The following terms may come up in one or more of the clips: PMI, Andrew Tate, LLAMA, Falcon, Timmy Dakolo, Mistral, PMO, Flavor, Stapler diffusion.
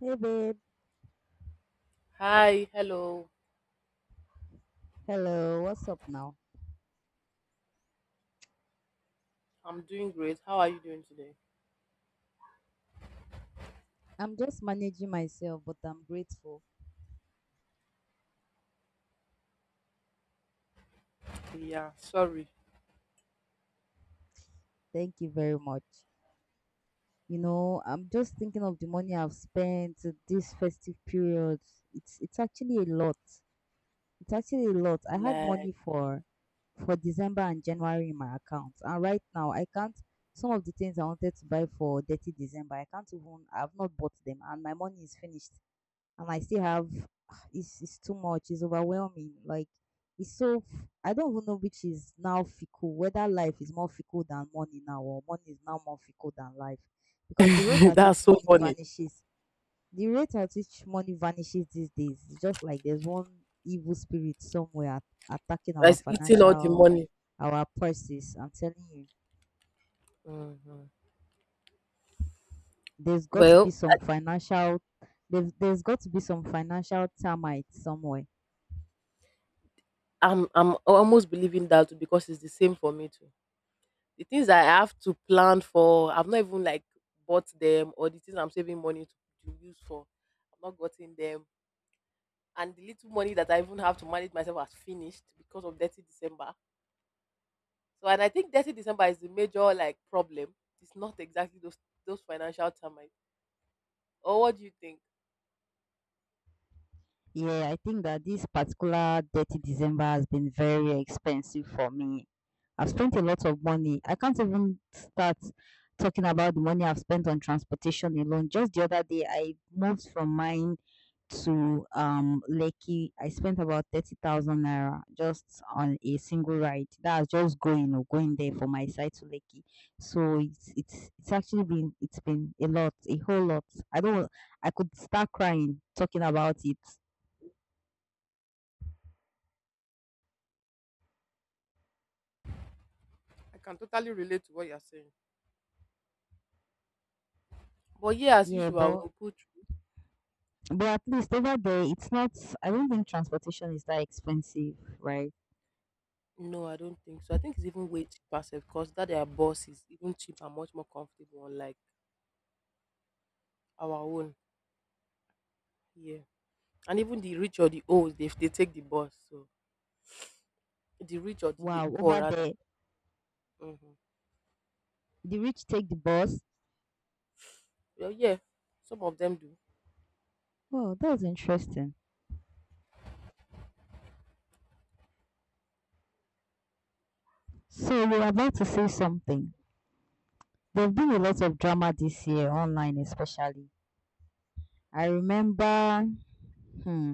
Hey babe. Hi, hello. Hello, what's up now? I'm doing great. How are you doing today? I'm just managing myself, but I'm grateful. Yeah, sorry. Thank you very much. You know, I'm just thinking of the money I've spent this festive period. It's actually a lot. It's actually a lot. I had Like. money for December and January in my account. And right now I can't some of the things I wanted to buy for thirty December, I can't even I've not bought them and my money is finished. And I still have it's too much. It's overwhelming. Like it's so I don't even know which is now fickle. Whether life is more fickle than money now, or money is now more fickle than life, because the rate at That's which so money funny. vanishes, the rate at which money vanishes these days, is just like there's one evil spirit somewhere attacking our Like eating all the financial money. our purses. I'm telling you, Hmm. there's got to be Well, some financial. There's got to be some financial termites somewhere. I- am I'm almost believing that too because it's the same for me too. The things I have to plan for, I've not even like bought them or the things I'm saving money to use for, I've not gotten them. And the little money that I even have to manage myself has finished because of 30 December. So and I think 30 December is the major like problem. It's not exactly those financial termites. Or what do you think? Yeah, I think that this particular dirty December has been very expensive for me. I've spent a lot of money. I can't even start talking about the money I've spent on transportation alone. Just the other day, I moved from mine to Lekki. I spent about 30,000 naira just on a single ride. That's just going or going there from my side to Lekki. So it's actually been it's been a lot, a whole lot. I don't I could start crying talking about it. I can totally relate to what you're saying. But yeah, as Yeah, usual, but we'll put. At least over there, it's not. I don't think transportation is that expensive, right? No, I don't think so. I think it's even way cheaper self because that their boss is even cheaper, much more comfortable, unlike our own. Yeah, and even the rich or the old, they take the bus. So the rich or the Wow, poor over rather. there, Mm-hmm. the rich take the bus. Well, yeah, some of them do. Oh, that was interesting. So you were about to say something. There've been a lot of drama this year online, especially. I remember. Hmm,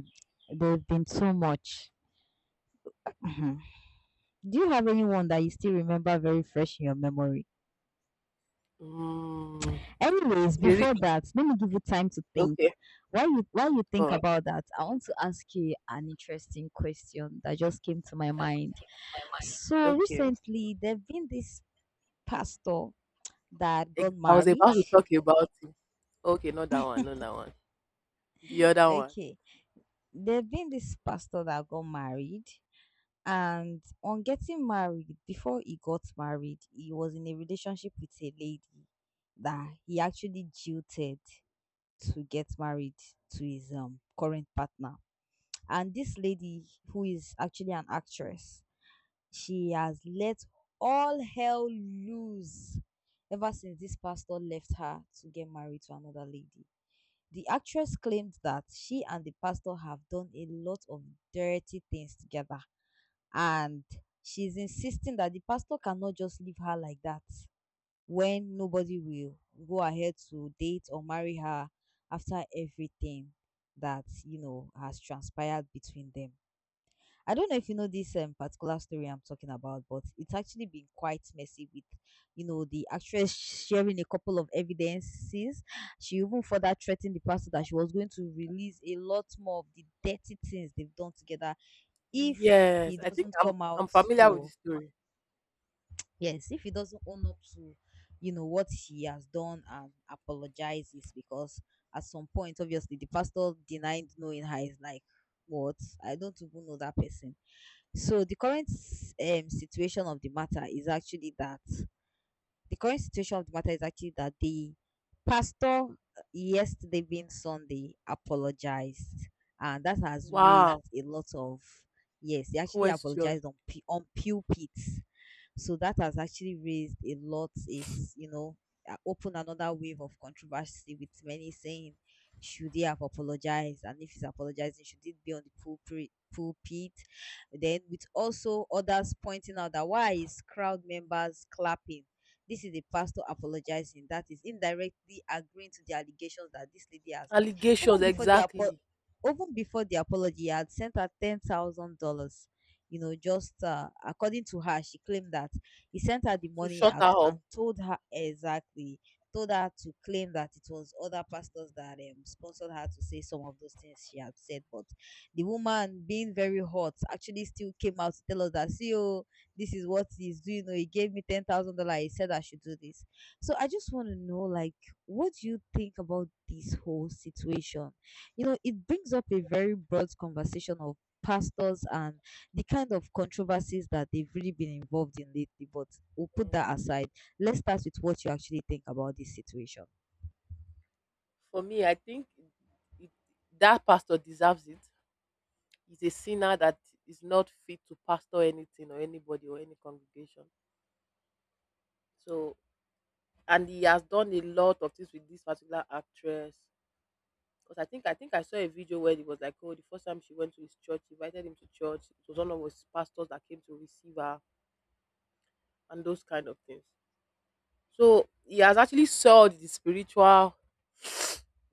there've been so much. Mhm. Do you have anyone that you still remember very fresh in your memory? Mm. Anyways, The before rich. that, let me give you time to think. Okay. While you Oh, think okay. about that, I want to ask you an interesting question that just came to my mind. So Okay. recently, there've been this pastor that got I was married. about to talk about it. Okay, not that one, not that one. The other one. Okay, there've been this pastor that got married, and on getting married, before he got married, he was in a relationship with a lady that he actually jilted to get married to his current partner. And this lady, who is actually an actress, she has let all hell loose ever since this pastor left her to get married to another lady. The actress claimed that she and the pastor have done a lot of dirty things together. And she's insisting that the pastor cannot just leave her like that when nobody will go ahead to date or marry her after everything that, you know, has transpired between them. I don't know if you know this particular story I'm talking about, but it's actually been quite messy with, you know, the actress sharing a couple of evidences. She even further threatened the pastor that she was going to release a lot more of the dirty things they've done together if Yes, he I think doesn't I'm come out I'm familiar with the to, story. yes, if he doesn't own up to, you know, what he has done and apologizes because at some point, obviously, the pastor denied knowing her is like, what? I don't even know that person. So the current situation of the matter is actually that the current situation of the matter is actually that the pastor yesterday being Sunday apologized, and that has raised Wow, a lot of yes. They actually question. apologized on pulpit. So that has actually raised a lot, is, you know, opened another wave of controversy with many saying, should he have apologized? And if he's apologizing, should it be on the pulpit? Then with also others pointing out that why is crowd members clapping? This is the pastor apologizing. That is indirectly agreeing to the allegations that this lady has made. Allegations, Even before the apo- exactly. Even before the apology, he had sent her $10,000. You know, just according to her, she claimed that he sent her the To money shut out her up. and told her exactly, told her to claim that it was other pastors that sponsored her to say some of those things she had said. But the woman, being very hot, actually still came out to tell us that, see, oh, this is what he's doing. Oh, he gave me $10,000. He said I should do this. So I just want to know, like, what do you think about this whole situation? You know, it brings up a very broad conversation of pastors and the kind of controversies that they've really been involved in lately. But we'll put Mhm. that aside. Let's start with what you actually think about this situation. For me, I think it, that pastor deserves it. He's a sinner that is not fit to pastor anything or anybody or any congregation. So, and he has done a lot of things with this particular actress. Because I think I saw a video where it was like, oh, the first time she went to his church, he invited him to church. It was one of his pastors that came to receive her and those kind of things. So he has actually saw the spiritual,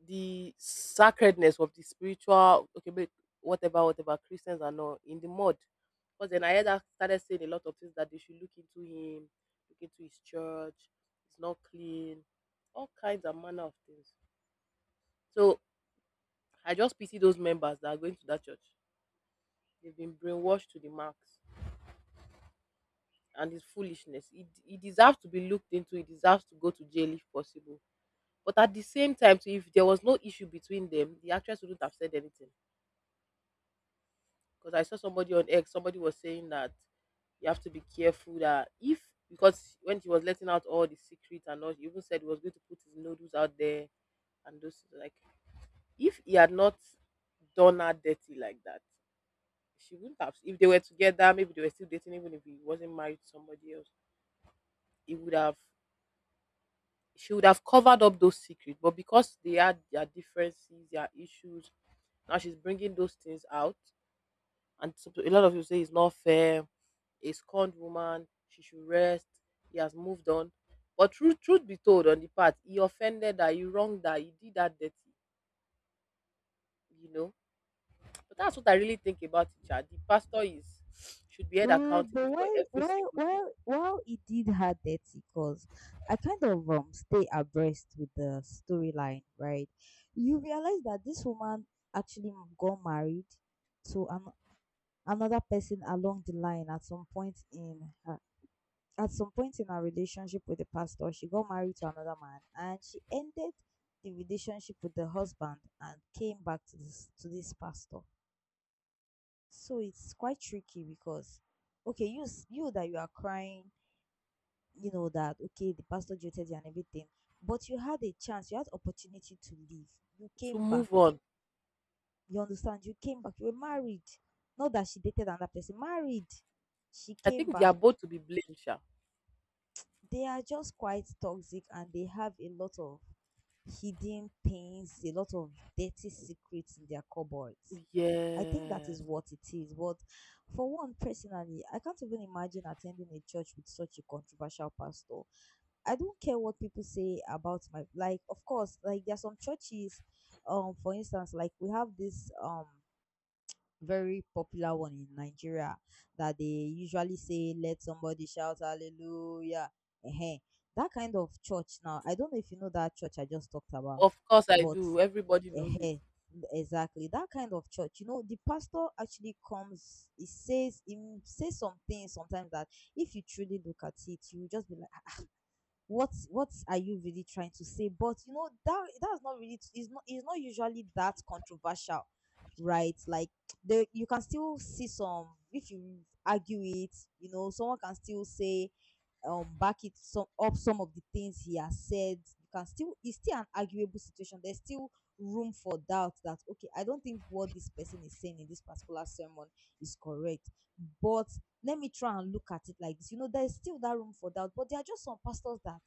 the sacredness of the spiritual. Okay, but whatever Christians are not in the mud. Because then I heard that started saying a lot of things that they should look into him, look into his church. It's not clean, all kinds of manner of things. So I just pity those members that are going to that church. They've been brainwashed to the max. And it's foolishness. It deserves to be looked into. It deserves to go to jail if possible. But at the same time, too, if there was no issue between them, the actress wouldn't have said anything. Because I saw somebody on X, somebody was saying that you have to be careful that if because when he was letting out all the secrets and all, he even said he was going to put his noodles out there and those things, like if he had not done her dirty like that, she wouldn't have. If they were together, maybe they were still dating, even if he wasn't married to somebody else, he would have she would have covered up those secrets, but because they had their differences, their issues, now she's bringing those things out. And so a lot of you say it's not fair, a scorned woman, she should rest, he has moved on. But truth, truth be told, on the part, he offended her, he wronged her, he did that dirty, you know. But that's what I really think about it, Sha. The pastor is should be held Well, accountable but for while every while single thing. while while it did her dirty, cause I kind of stay abreast with the storyline, right? You realize that this woman actually got married to another person along the line at some point in her at some point in her relationship with the pastor. She got married to another man, and she ended the relationship with the husband and came back to this pastor. So it's quite tricky because okay you you that you are crying, you know that okay the pastor jilted you and everything, but you had a chance, you had opportunity to leave, you To came back, move on, you understand, you came back, you were married, not that she dated another person, married, she I came think they back. are both to be blamed, Sha. They are just quite toxic and they have a lot of hidden pains, a lot of dirty secrets in their cupboards. I think that is Yes, what it is. But for one personally I can't even imagine attending a church with such a controversial pastor. I don't care what people say about my like, of course, like there are some churches, for instance, like we have this very popular one in Nigeria that they usually say let somebody shout hallelujah, eh, that kind of church. Now I don't know if you know that church I just talked about, of course I but do. Everybody knows it. eh, exactly that kind of church. You know, the pastor actually comes, he says some things sometimes that if you truly look at it you will just be like what are you really trying to say? But you know that that's not really, it's not usually that controversial, right? Like the you can still see some, if you argue it, you know someone can still say back it some up, some of the things he has said, you can still, it's still an arguable situation, there's still room for doubt that okay I don't think what this person is saying in this particular sermon is correct. But let me try and look at it like this. You know, there is still that room for doubt, but there are just some pastors that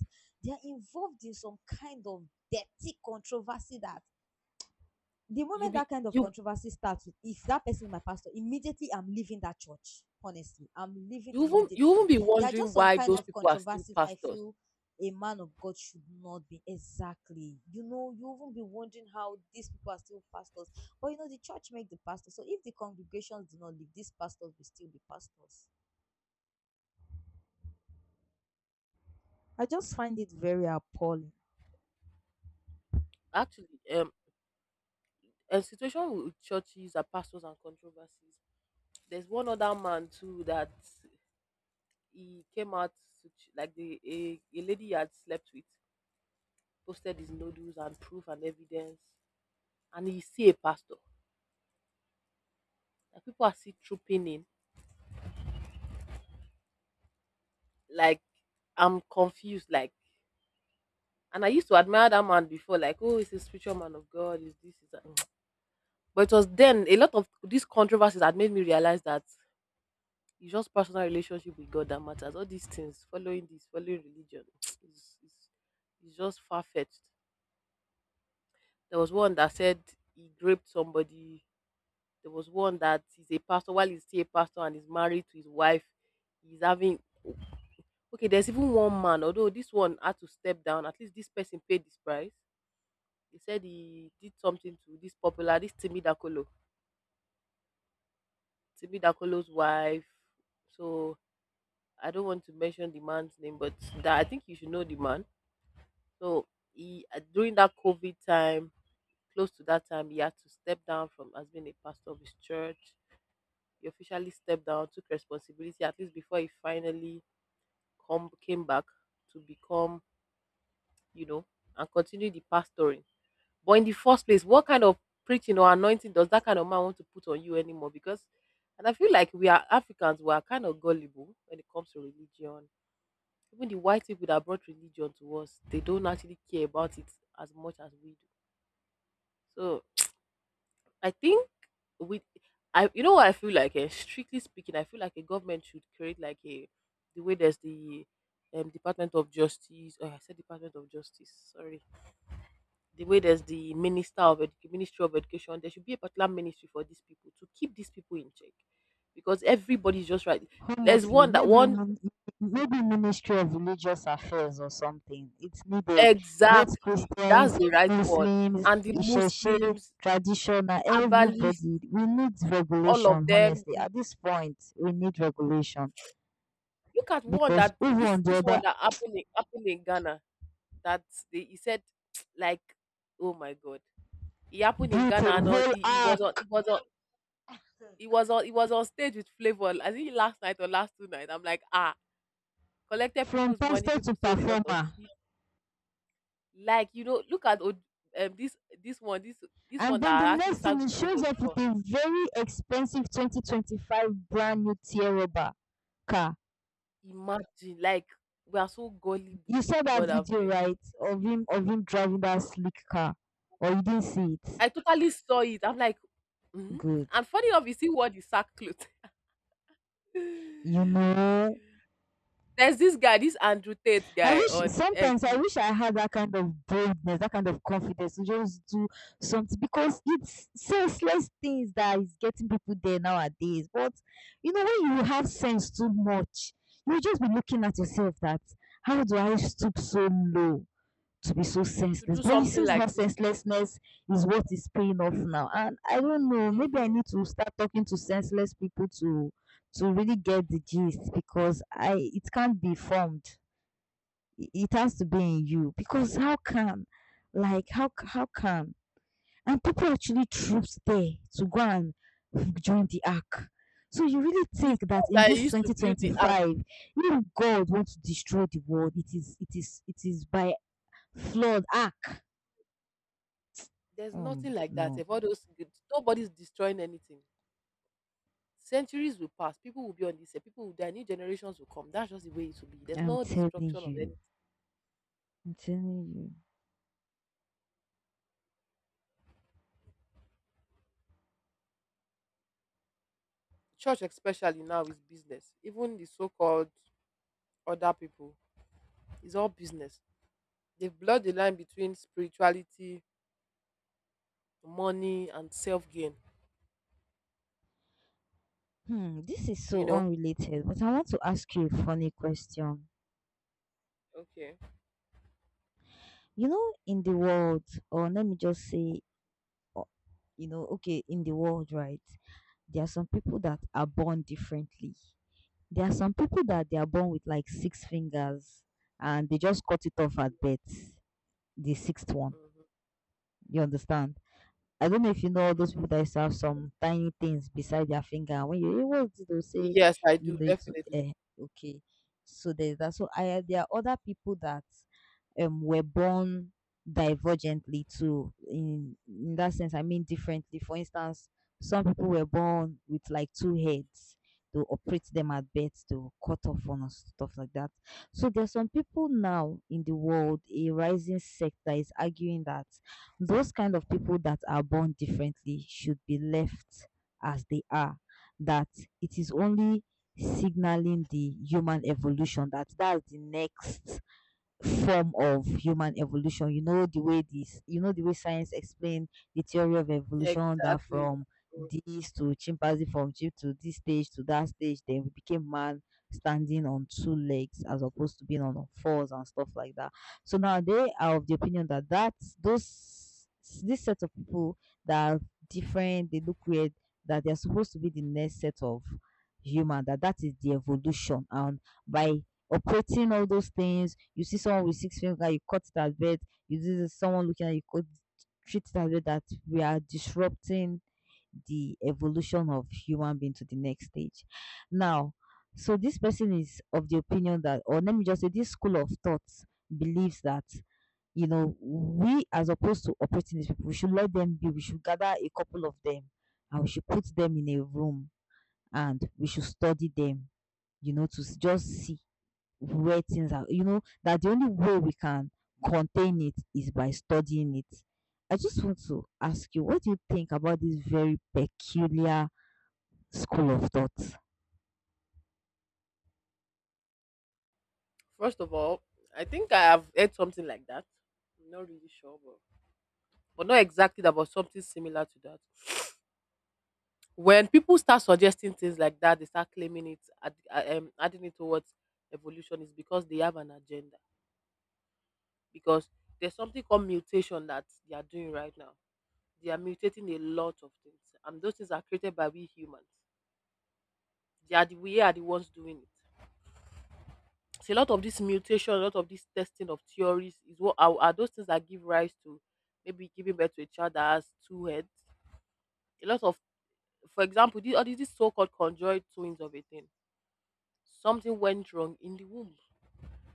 they are involved in some kind of dirty controversy that the You'll moment be that kind of you controversy starts, if that person is my pastor, immediately I'm leaving that church. Honestly, I'm leaving you won't You won't immediately. be There are wondering just some why kind those of people are still controversies I pastors. feel a man of God should not be, exactly. You know, you even be wondering how these people are still pastors. But you know, the church make the pastor. So if the congregations do not leave, these pastors will still be pastors. I just find it very appalling. Actually, a situation with churches and pastors and controversies. There's one other man too that he came out to like a lady he had slept with posted his nodules and proof and evidence, and he see a pastor. Like people are still trooping in. Like I'm confused. Like, and I used to admire that man before. Like, oh, he's a spiritual man of God. Is this is that. But it was then a lot of these controversies had made me realize that it's just personal relationship with God that matters. All these things, following this, following religion, is is is just far fetched. There was one that said he raped somebody. There was one that is a pastor while he's still a pastor and is married to his wife. He's having. Okay. There's even one man, although this one had to step down. At least this person paid this price. He said he did something to this popular, this Timmy Dakolo's wife. So I don't want to mention the man's name, but that I think you should know the man. So he during that COVID time, close to that time, he had to step down from as being a pastor of his church. He officially stepped down, took responsibility at least before he finally come came back to become, you know, and continue the pastoring. But in the first place, what kind of preaching or anointing does that kind of man want to put on you anymore? Because and I feel like we are Africans, we are kind of gullible when it comes to religion even the white people that brought religion to us, they don't actually care about it as much as we do. So I think with I you know what I feel like strictly speaking, I feel like a government should create like a the way there's the Department of Justice, or I said Department of Justice, sorry. The way there's the Minister of Ministry of Education, there should be a particular ministry for these people to keep these people in check. Because everybody's just right. There's Honestly, one that one maybe Ministry of Religious Affairs or something. It's needed. Both exactly that's Christians, the right one Muslims, and the Isheshe, Muslims. traditional, Herbalist, everybody. We need all of regulation. them. Honestly, The at this point, we need regulation look at one because that over this on the this one other that happened in Ghana. That they, he said, like, oh my god, it happened in built Ghana, a and on, whole he was on, he arc was on, he was on, he was on stage with Flavor. I think last night or last 2 nights. I'm like, ah, collected from people's money. pastor to People sold a lot of performer. seed. Like look at um this this one this And one that then the I actually next sang thing, with it Flavor shows up with before. a very expensive 2025 brand new Tierra car. Imagine like we are so You gullible. saw that God have video, mercy. right? Of him driving that sleek car. Or you didn't see it? I totally saw it. I'm like, "Hmm?" Good. And funny enough, you see what the sack clothes. You know, There's this guy, this Andrew Tate I guy wish on X, sometimes, I wish I had that kind of boldness, that kind of confidence to just do something because it's senseless things that is getting people there nowadays. But you know, when you have sense too much, you'll just be looking at yourself that how do I stoop so low to be so to senseless? do But it something seems like that this. senselessness is what is paying off now. And I don't know, maybe I Mm-hmm. need to start talking to senseless people to really get the gist because I it can't be formed. It has to be in you because how can like how can and people actually troops there to go and join the ark. So you really The think that fact in that he this used to build the ark, 2025, if God wants to destroy the world, it is by flood ark? there's nothing like that. No, If all those, nobody's destroying anything. Centuries will pass. People will be on this earth. People will die. New generations will come. That's just the way it will be. There's i'm no telling destruction of you anything. I'm telling you. Church, especially now, is business. Even the so-called other people, it's all business. They've blurred the line between spirituality, money, and self gain. Hmm, this is You so know. unrelated, but I want to ask you a funny question. Okay. You know, in the world, or let me just say, you know, okay, in the world, right? There are some people that are born differently. There are some people that they are born with like six fingers, and they just cut it off at birth, the sixth one. Mm-hmm. You understand? I don't know if you know all those Mm-hmm. people that used to have some tiny things beside their finger. And when you hear what they'll say, Yes, I you do know, it's definitely. Okay. So there's that. So there are other people that were born divergently too. In that sense, I mean differently. For instance, some people were born with like two heads. To operate them at birth to cut off on us, stuff like that. So there's some people now in the world, a rising sect that is arguing that those kind of people that are born differently should be left as they are. That it is only signaling the human evolution, that that's the next form of human evolution. You know the way this, you know the way science explained the theory of evolution, that Exactly. from Mm. this to chimpanzee, from chimp to this stage to that stage, then we became man standing on two legs as opposed to being on all fours and stuff like that. So now they are of the opinion that that those, this set of people that are different, they look weird, that they are supposed to be the next set of human, that that is the evolution, and by operating all those things. You see someone with six fingers, you cut it as bad. You see someone looking at you, cut, treat it as bad. That we are disrupting the evolution of human being to the next stage. Now, so this person is of the opinion that, or let me just say, this school of thoughts believes that, you know, we, as opposed to operating these people, we should let them be. We should gather a couple of them, and we should put them in a room, and we should study them. You know, to just see where things are, you know, that the only way we can contain it is by studying it. I just want to ask you, what do you think about this very peculiar school of thought? First of all, I think I have heard something like that. I'm not really sure, but not exactly that, but something similar to that. When people start suggesting things like that, they start claiming it, adding it towards evolution is because they have an agenda. Because there's something called mutation that they are doing right now. They are mutating a lot of things, and those things are created by we humans. They are the We are the ones doing it. So a lot of this mutation, a lot of this testing of theories is what are those things that give rise to maybe giving birth to a child that has two heads. A lot of, for example, all these so-called conjoined twins of a thing. Something went wrong in the womb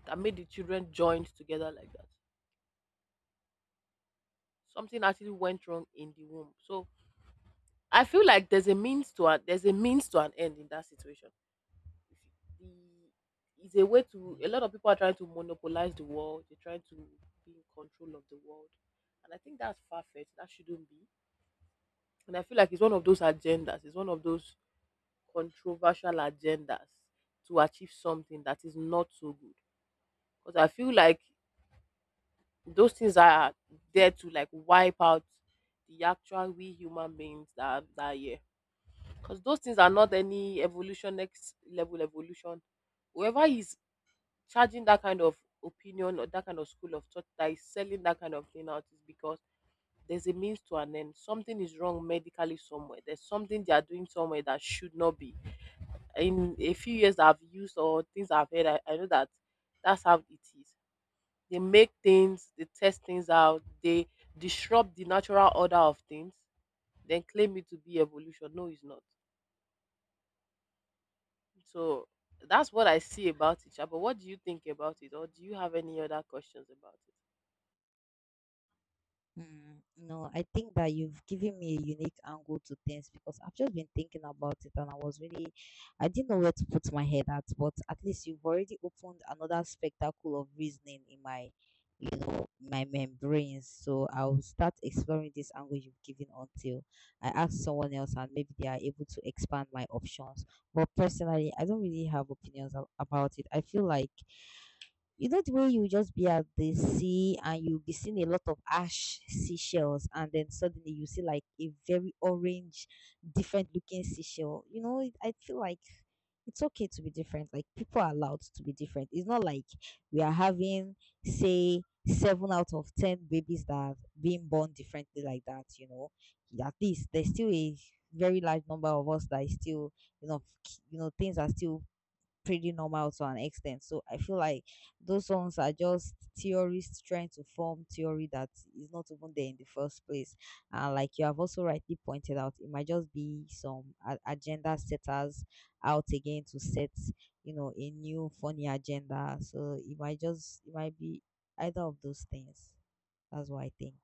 that made the children joined together like that. Something actually went wrong in the womb. So I feel like there's a means to an end in that situation. If you- the it's a way to A lot of people are trying to monopolize the world, they're trying to be in control of the world, and I think that's far-fetched, that shouldn't be. And I feel like it's one of those agendas, it's one of those controversial agendas to achieve something that is not so good. Because I feel like those things are there to like wipe out the actual we human beings that are here, because those things are not any evolution, next level evolution. Whoever is charging that kind of opinion or that kind of school of thought that is selling that kind of thing out is because there's a means to an end. Something is wrong medically somewhere. There's something they are doing somewhere that should not be. In a few years that I've used or things I've heard, I know that that's how it is. They make things, they test things out, they disrupt the natural order of things, then claim it to be evolution. No, it's not. So that's what I see about it. Sha. But what do you think about it? Or do you have any other questions about it? Mm, no, I think that you've given me a unique angle to things, because I've just been thinking about it and I was really, I didn't know where to put my head at, but at least you've already opened another spectacle of reasoning in my, you know, my membranes. So I'll start exploring this angle you've given until I ask someone else and maybe they are able to expand my options. But personally, I don't really have opinions about it. I feel like, you know, the way you just be at the sea and you'll be seeing a lot of ash seashells, and then suddenly you see like a very orange, different looking seashell. You know, I feel like it's okay to be different. Like people are allowed to be different. It's not like we are having, say, 7 out of 10 babies that are being born differently like that. You know, at least there's still a very large number of us that is still, you know, you know, things are still pretty normal to an extent. So I feel like those songs are just theorists trying to form theory that is not even there in the first place. And like you have also rightly pointed out, it might just be some agenda setters out again to set, you know, a new funny agenda. So it might be either of those things. That's what I think.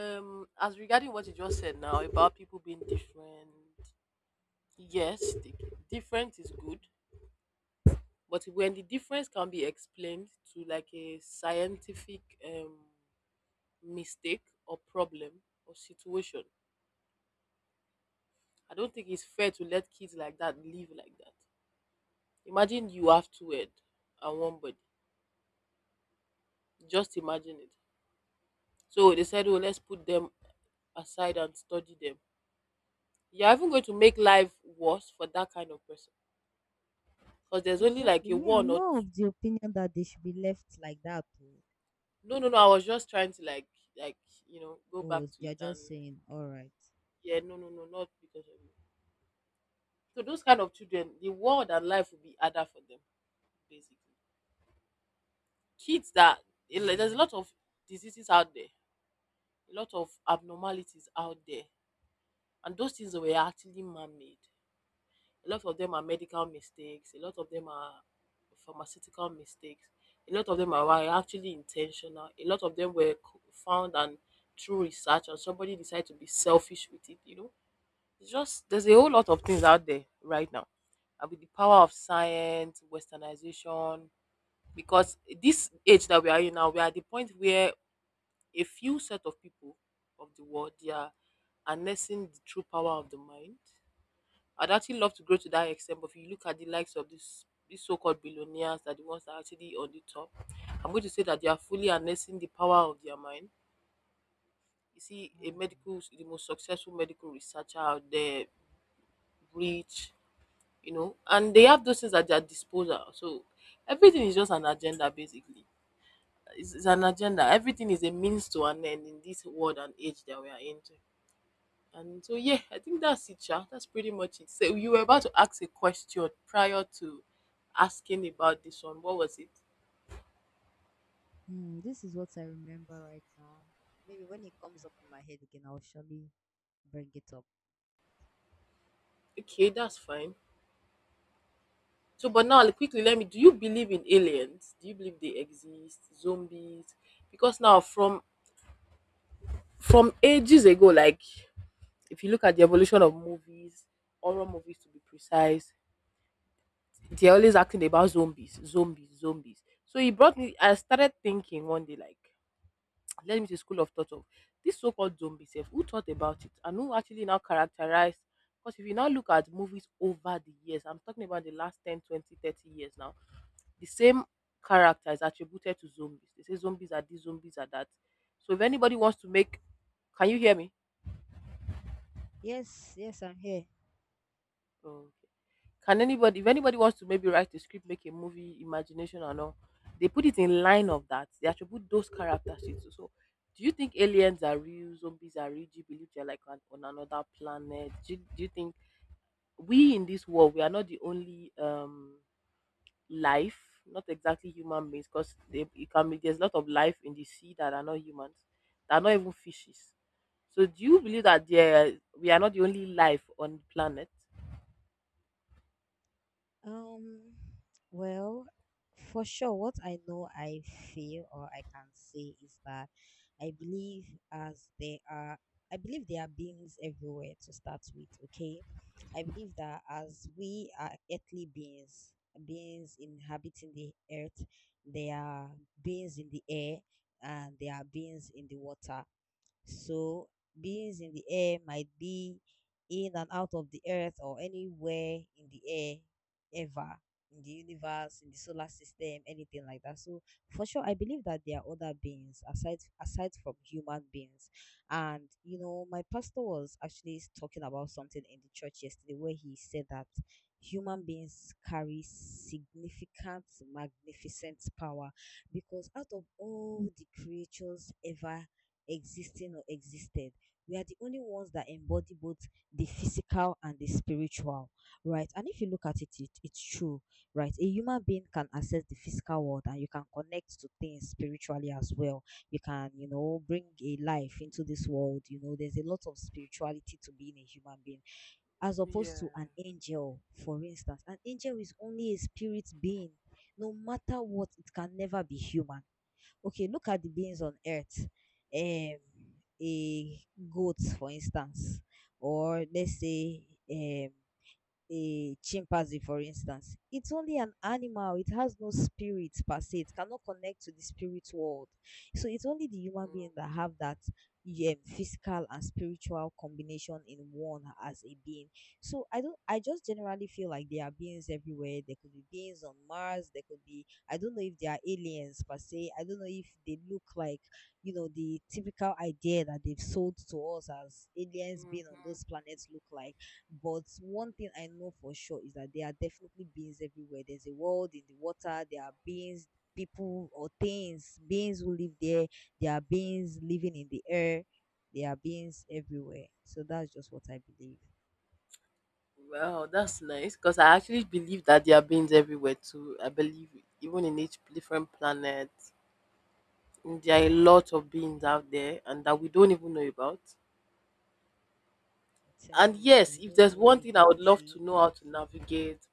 As regarding what you just said now about people being different, yes, the difference is good, but when the difference can be explained to like a scientific mistake or problem or situation, I don't think it's fair to let kids like that live like that. Imagine you have two head and one body. Just imagine it. So they said, oh, let's put them aside and study them. You're even going to make life worse for that kind of person because there's only like Exactly. a Me, one I'm or two. not of the opinion that they should be left like that. Oh, No, no, no. I was just trying to like, go back oh, to they're it and just saying, all right. yeah, no, no, no, not because of you. So those kind of children, the world and life will be harder for them. Basically, kids that like, there's a Yeah. lot of diseases out there, a lot of abnormalities out there, and those things were actually man-made. A lot of them are medical mistakes. A lot of them are pharmaceutical mistakes. A lot of them are were actually intentional. A lot of them were found and through research, and somebody decided to be selfish with it. You know. It's just there's a whole lot of things out there right now. And with the power of science, westernization, because this age that we are in now, we are at the point where a few set of people of the world they are harnessing the true power of the mind. I'd actually love to grow to that extent, but if you look at the likes of this these so-called billionaires that the ones that are actually on the top, I'm going to say that they are fully harnessing the power of their mind. You see, a Hmm. medical the most successful medical researcher out there, rich, you know, and they have those things at their disposal. So everything is just an agenda, basically. It's an agenda. Everything is a means to an end in this world and age that we are into. And so, yeah, I think that's it, Sha. That's pretty much it. So you were about to ask a question prior to asking about this one. What was it? Hmm, this is what I remember right now. Maybe when it comes up in my head again, I'll surely bring it up. Okay, that's fine. So, but now like, quickly, let me. Do you believe in aliens? Do you believe they exist? Zombies? Because now, from ages ago, like. If you look at the evolution of movies, horror movies to be precise, they're always acting about zombies, zombies, zombies. So he brought me. I started thinking one day, like, let me to school of thought of this so-called zombie self. Who thought about it, and who actually now characterized? Because if you now look at movies over the years, I'm talking about the last 10, 20, 30 years now, the same character is attributed to zombies. They say zombies are these, zombies are that. So if anybody wants to make, can you hear me? Yes, yes, I'm here. Okay. Can anybody, if anybody wants to maybe write a script, make a movie, imagination and all, they put it in line of that. They attribute those characteristics. So, so do you think aliens are real? Zombies are real? Do you believe they're like on another planet? Do you think we in this world we are not the only life? Not exactly human beings, because they it can be there's a lot of life in the sea that are not humans, that are not even fishes. So do you believe that there we are not the only life on the planet? Um, well, for sure, what I know I feel or I can say is that I believe, as there are, I believe there are beings everywhere to start with, okay? I believe that as we are earthly beings, beings inhabiting the earth, there are beings in the air and there are beings in the water. So beings in the air might be in and out of the earth or anywhere in the air ever, in the universe, in the solar system, anything like that. So for sure, I believe that there are other beings aside from human beings. And you know, my pastor was actually talking about something in the church yesterday where he said that human beings carry significant, magnificent power because out of all the creatures ever existing or existed. We are the only ones that embody both the physical and the spiritual, right? And if you look at it, it's true, right? A human being can access the physical world and you can connect to things spiritually as well. You can, you know, bring a life into this world. You know, there's a lot of spirituality to being a human being as opposed to an Yeah. angel, for instance. An angel is only a spirit being. No matter what, it can never be human. Okay, look at the beings on earth. Um, a goat, for instance, or let's say um a chimpanzee, for instance, it's only an animal. It has no spirit per se. It cannot connect to the spirit world. So it's only the human being that have that, yeah, physical and spiritual combination in one as a being. So I don't. I just generally feel like there are beings everywhere. There could be beings on Mars. There could be. I don't know if they are aliens per se. I don't know if they look like, you know, the typical idea that they've sold to us as aliens being on those planets look like, but one thing I know for sure is that there are definitely beings everywhere. There's a world in the water, there are beings, people or things, beings who live there, there are beings living in the air, there are beings everywhere. So that's just what I believe. Well, that's nice because I actually believe that there are beings everywhere too. I believe even in each different planet, there are a lot of beings out there and that we don't even know about. I'm And telling you, that yes, we if don't there's know, one we thing I can't would love to see. know how to navigate,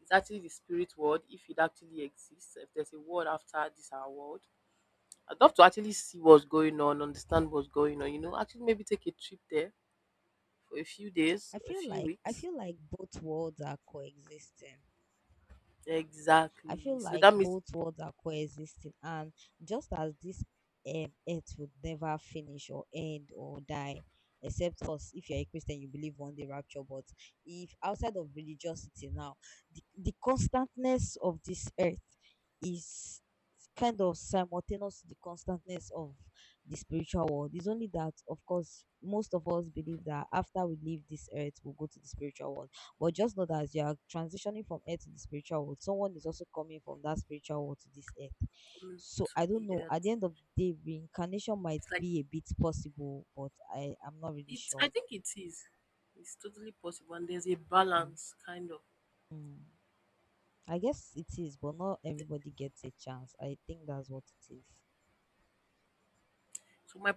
it's actually the spirit world, if it actually exists, if there's a world after this our world. I'd love to actually see what's going on, understand what's going on, you know, actually maybe take a trip there for a few days, I a feel few like I weeks. feel like both worlds are coexisting. I Exactly. feel So like that means both worlds are coexisting, and just as this earth would never finish or end or die, except us. If you're a Christian, you believe on the rapture, but if outside of religiosity now, the constantness of this earth is kind of simultaneous to the constantness of the spiritual world. It's only that, of course, most of us believe that after we leave this earth, we'll go to the spiritual world, but just know that as you are transitioning from earth to the spiritual world, someone is also coming from that spiritual world to this earth. coming So to I don't the know. At earth. the end of the day, reincarnation might It's like. be a bit possible, but I am not really It I sure. think it is. It's totally possible and there's a Mm. balance kind of. Mm. I guess it is, but not everybody gets a chance. I think that's what it is. So my